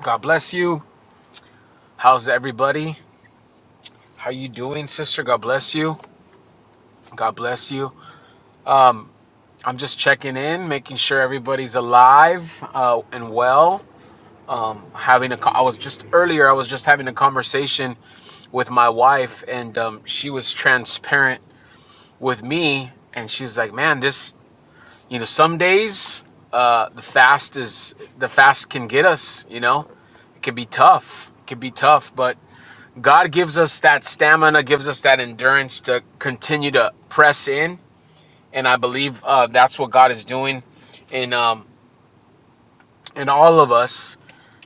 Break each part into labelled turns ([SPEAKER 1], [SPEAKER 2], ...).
[SPEAKER 1] God bless you. How's everybody? How you doing, sister? God bless you. God bless you. I'm just checking in, making sure everybody's alive uh, and well. Having a, co- I was just earlier. I was just having a conversation with my wife, and um, she was transparent with me, and she was like, "Man, this, you know, some days uh, the fast is the fast can get us. You know, it can be tough. It can be tough, but God gives us that stamina, gives us that endurance to continue to press in, and I believe uh, that's what God is doing in um, in all of us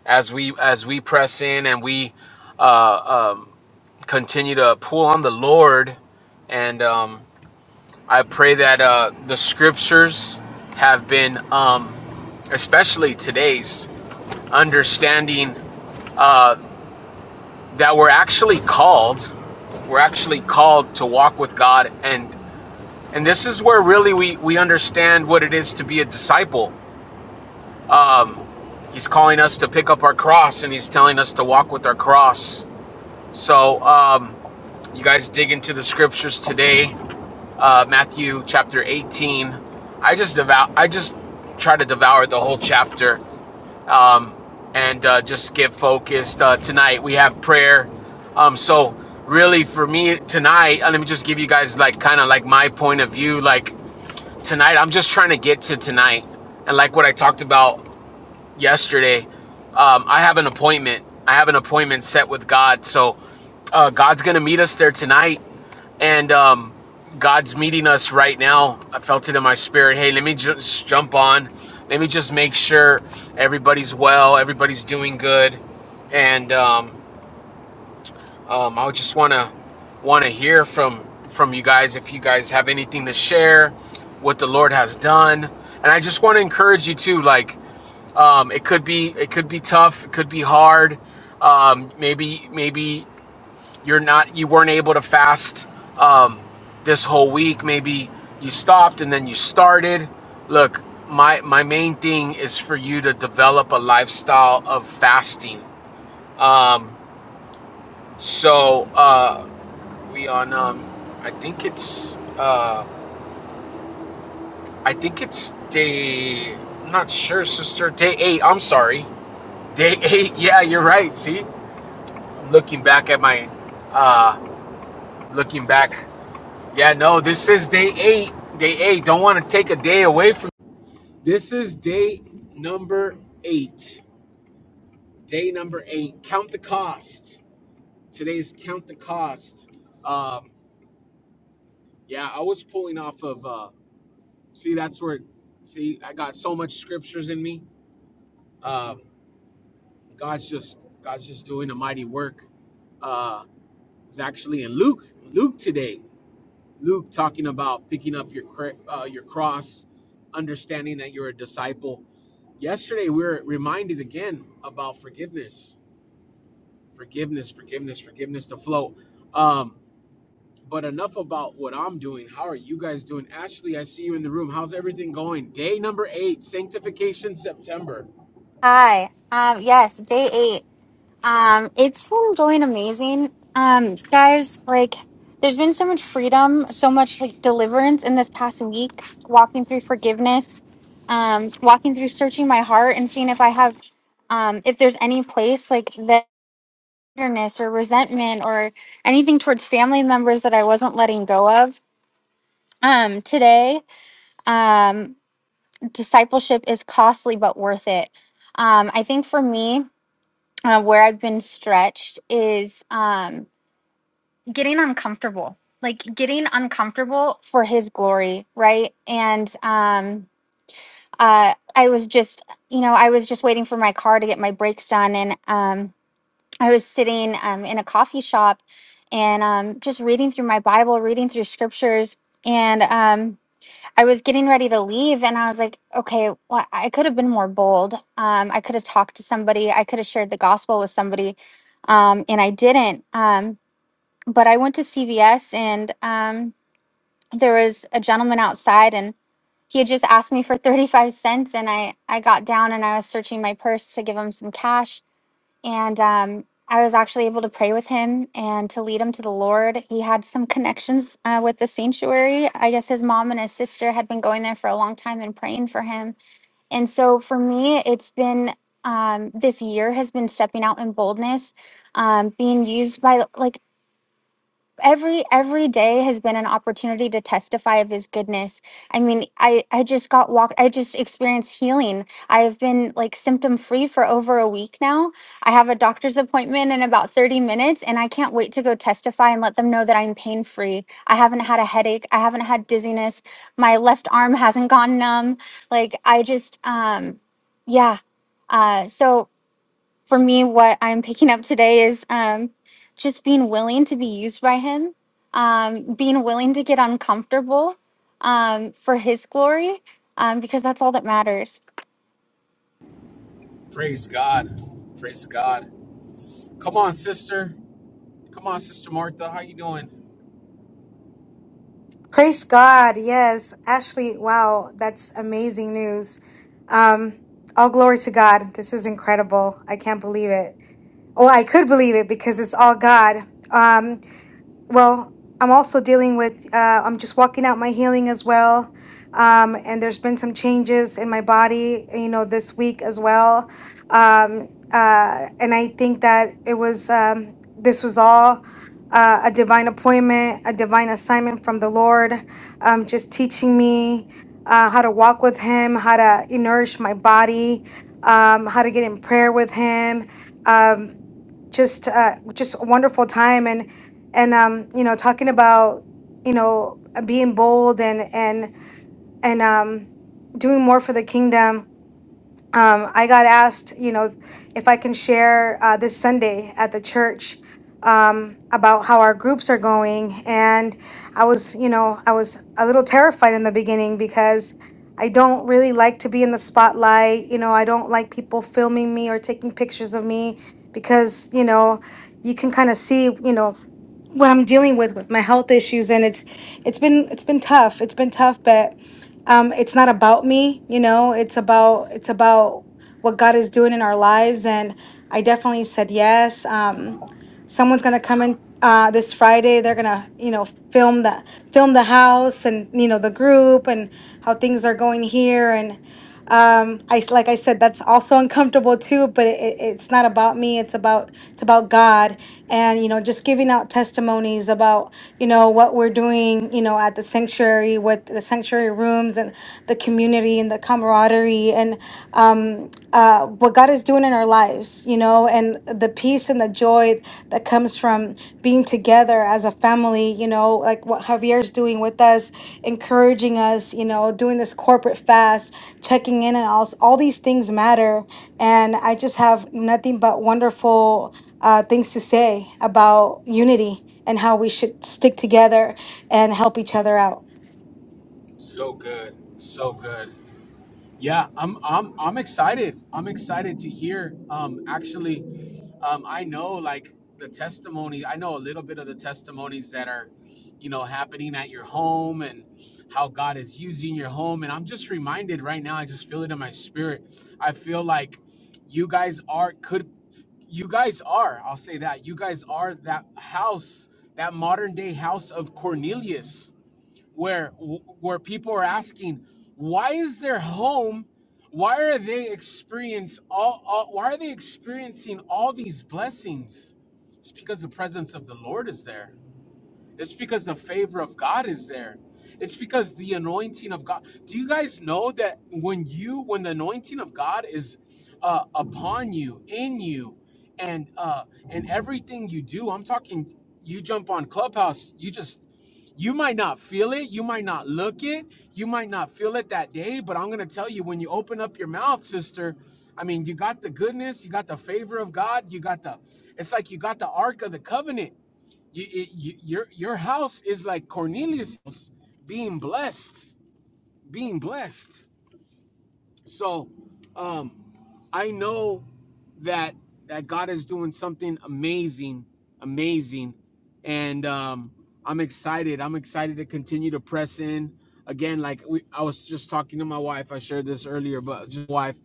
[SPEAKER 1] as we as we press in and we uh, um, continue to pull on the Lord. And um, I pray that uh, the scriptures have been, um, especially today's, understanding that we're actually called we're actually called to walk with God and And this is where really we, we understand what it is to be a disciple. He's calling us to pick up our cross and he's telling us to walk with our cross. So, um, you guys dig into the scriptures today, uh, Matthew chapter 18. I just devour, I just try to devour the whole chapter and uh, just get focused. Uh, tonight we have prayer. Um, so really for me tonight, uh, let me just give you guys like kind of like my point of view, like tonight i'm just trying to get to tonight and like what i talked about yesterday um, i have an appointment i have an appointment set with god so uh, god's gonna meet us there tonight and um, god's meeting us right now i felt it in my spirit hey let me just jump on let me just make sure everybody's well everybody's doing good and um, um, I would just wanna wanna hear from from you guys if you guys have anything to share, what the Lord has done, and I just want to encourage you too. Like um, it could be it could be tough, it could be hard. Um, maybe maybe you're not you weren't able to fast um, this whole week. Maybe you stopped and then you started. Look, my my main thing is for you to develop a lifestyle of fasting. Um, so. Uh, We on um I think it's uh I think it's day I'm not sure sister day 8 I'm sorry day 8 yeah you're right see I'm looking back at my uh looking back yeah no this is day 8 day 8 don't want to take a day away from this is day number 8 day number 8 count the cost today's count the cost um yeah I was pulling off of uh See, that's where. See, I got so much scriptures in me. Um, God's just God's just doing a mighty work. Uh, it's actually in Luke. Luke today. Luke talking about picking up your cr- uh, your cross, understanding that you're a disciple. Yesterday we were reminded again about forgiveness, forgiveness, forgiveness, forgiveness to flow. Um, but enough about what I'm doing. How are you guys doing? Ashley, I see you in the room. How's everything going? Day number eight, sanctification September.
[SPEAKER 2] Hi. Um, yes, day eight. Um, it's been going amazing. Um, guys, like, there's been so much freedom, so much like deliverance in this past week, walking through forgiveness, um, walking through searching my heart and seeing if I have, um, if there's any place like that bitterness or resentment or anything towards family members that I wasn't letting go of. Um, today, um, discipleship is costly but worth it. Um, I think for me, uh, where I've been stretched is um, getting uncomfortable, like getting uncomfortable for His glory, right? And um, uh, I was just, you know, I was just waiting for my car to get my brakes done, and um, I was sitting um, in a coffee shop and um, just reading through my Bible, reading through scriptures, and um, I was getting ready to leave and I was like, okay, well, I could have been more bold. Um, I could have talked to somebody, I could have shared the gospel with somebody, um, and I didn't. Um, but I went to CVS and um, there was a gentleman outside and he had just asked me for 35 cents and I, I got down and I was searching my purse to give him some cash and um, I was actually able to pray with him and to lead him to the Lord. He had some connections uh, with the sanctuary. I guess his mom and his sister had been going there for a long time and praying for him. And so for me, it's been um, this year has been stepping out in boldness, um, being used by like every every day has been an opportunity to testify of his goodness i mean i i just got walked i just experienced healing i have been like symptom free for over a week now i have a doctor's appointment in about 30 minutes and i can't wait to go testify and let them know that i'm pain free i haven't had a headache i haven't had dizziness my left arm hasn't gone numb like i just um yeah uh so for me, what I'm picking up today is um, just being willing to be used by Him, um, being willing to get uncomfortable um, for His glory, um, because that's all that matters.
[SPEAKER 1] Praise God. Praise God. Come on, sister. Come on, sister Martha. How you doing?
[SPEAKER 3] Praise God. Yes. Ashley, wow, that's amazing news. Um, all glory to God. This is incredible. I can't believe it. Oh, I could believe it because it's all God. Um, well i'm also dealing with uh, i'm just walking out my healing as well um, and there's been some changes in my body you know this week as well um, uh, and i think that it was um, this was all uh, a divine appointment a divine assignment from the lord um, just teaching me uh, how to walk with him how to nourish my body um, how to get in prayer with him Um, just uh just a wonderful time and and um you know talking about you know being bold and and and um doing more for the kingdom um, I got asked, you know, if I can share uh, this Sunday at the church um, about how our groups are going. And I was, you know, I was a little terrified in the beginning because I don't really like to be in the spotlight. You know, I don't like people filming me or taking pictures of me because, you know, you can kind of see, you know, what I'm dealing with with my health issues and it's it's been it's been tough. It's been tough, but um it's not about me you know it's about it's about what god is doing in our lives and i definitely said yes um someone's gonna come in uh this friday they're gonna you know film the film the house and you know the group and how things are going here um i s- like i said that's also uncomfortable too but it, it- it's not about me it's about it's about god and you know just giving out testimonies about you know what we're doing you know at the sanctuary with the sanctuary rooms and the community and the camaraderie and um, uh, what God is doing in our lives, you know, and the peace and the joy that comes from being together as a family, you know, like what Javier's doing with us, encouraging us, you know, doing this corporate fast, checking in and all, all these things matter. And I just have nothing but wonderful uh, things to say about unity and how we should stick together and help each other out.
[SPEAKER 1] So good. So good. Yeah, I'm I'm I'm excited. I'm excited to hear. Um, actually, um, I know like the testimony. I know a little bit of the testimonies that are, you know, happening at your home and how God is using your home. And I'm just reminded right now. I just feel it in my spirit. I feel like you guys are could you guys are i'll say that you guys are that house that modern day house of cornelius where where people are asking, why is their home? Why are they experience all, all why are they experiencing all these blessings? It's because the presence of the Lord is there. It's because the favor of God is there. It's because the anointing of God. Do you guys know that when you, when the anointing of God is uh, upon you, in you, and uh, and everything you do, I'm talking. You jump on Clubhouse, you just, you might not feel it, you might not look it, you might not feel it that day, but I'm gonna tell you when you open up your mouth, sister. I mean, you got the goodness, you got the favor of God, you got the. It's like you got the Ark of the Covenant you, it- you, your your house is like Cornelius' being blessed, being blessed. So, um, I know that that God is doing something amazing, amazing, and um, I'm excited. I'm excited to continue to press in. Again, like we, I was just talking to my wife. I shared this earlier, but just wife,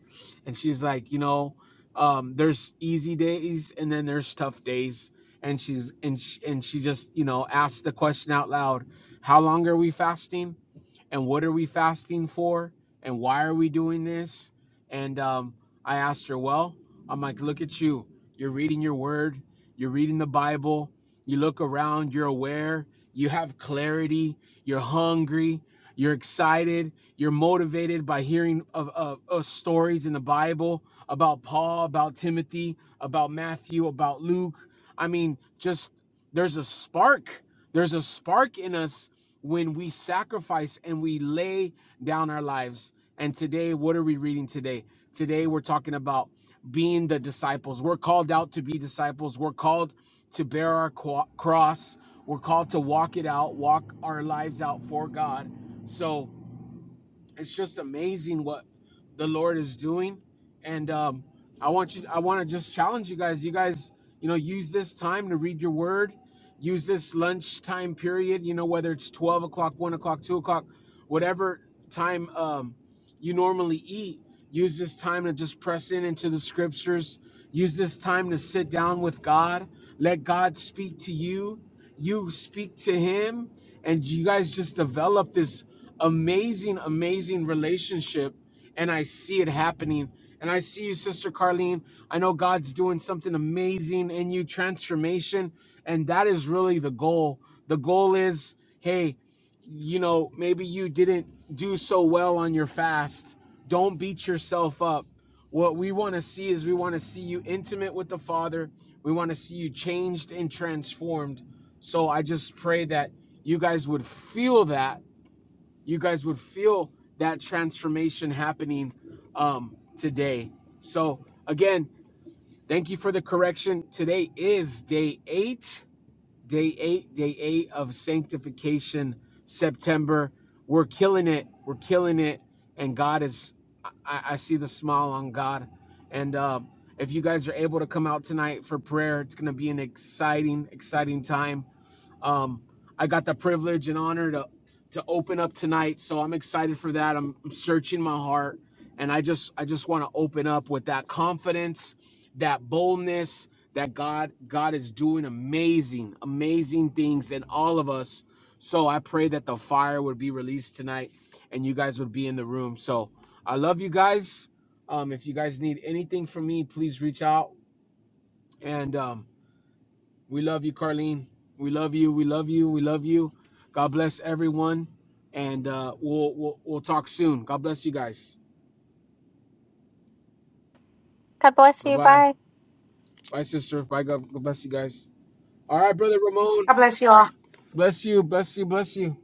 [SPEAKER 1] and she's like, you know, um, there's easy days and then there's tough days, and she's and she, and she just you know asked the question out loud, how long are we fasting? and what are we fasting for and why are we doing this and um, i asked her well i'm like look at you you're reading your word you're reading the bible you look around you're aware you have clarity you're hungry you're excited you're motivated by hearing of, of, of stories in the bible about paul about timothy about matthew about luke i mean just there's a spark. There's a spark in us when we sacrifice and we lay down our lives. And today, what are we reading today? Today, we're talking about being the disciples. We're called out to be disciples. We're called to bear our qu- cross. We're called to walk it out, walk our lives out for God. So, it's just amazing what the Lord is doing. And um, I want you, I want to just challenge you guys. You guys, you know, use this time to read your word. Use this lunchtime period. You know, whether it's twelve o'clock, one o'clock, two o'clock, whatever time. Um, you normally eat. Use this time to just press in into the scriptures. Use this time to sit down with God. Let God speak to you. You speak to Him, and you guys just develop this amazing, amazing relationship. And I see it happening. And I see you, Sister Carlene. I know God's doing something amazing in you, transformation. And that is really the goal. The goal is hey, you know, maybe you didn't do so well on your fast. Don't beat yourself up. What we want to see is we want to see you intimate with the Father. We want to see you changed and transformed. So I just pray that you guys would feel that. You guys would feel that transformation happening um, today. So again, thank you for the correction. Today is day eight day eight, day eight of sanctification, September. We're killing it. We're killing it. And God is, I, I see the smile on God. And uh, if you guys are able to come out tonight for prayer, it's going to be an exciting, exciting time. Um, I got the privilege and honor to to open up tonight, so I'm excited for that. I'm, I'm searching my heart, and I just I just want to open up with that confidence, that boldness that God God is doing amazing, amazing things in all of us. So I pray that the fire would be released tonight, and you guys would be in the room. So I love you guys. Um, if you guys need anything from me, please reach out. And um, we love you, Carlene. We love you. We love you. We love you. God bless everyone, and uh, we'll, we'll we'll talk soon. God bless you guys.
[SPEAKER 2] God bless
[SPEAKER 1] Bye
[SPEAKER 2] you.
[SPEAKER 1] bye.
[SPEAKER 2] Bye.
[SPEAKER 1] Bye, sister. Bye. God God bless you guys. All right, brother Ramon.
[SPEAKER 3] God bless y'all.
[SPEAKER 1] Bless you. Bless you. Bless you.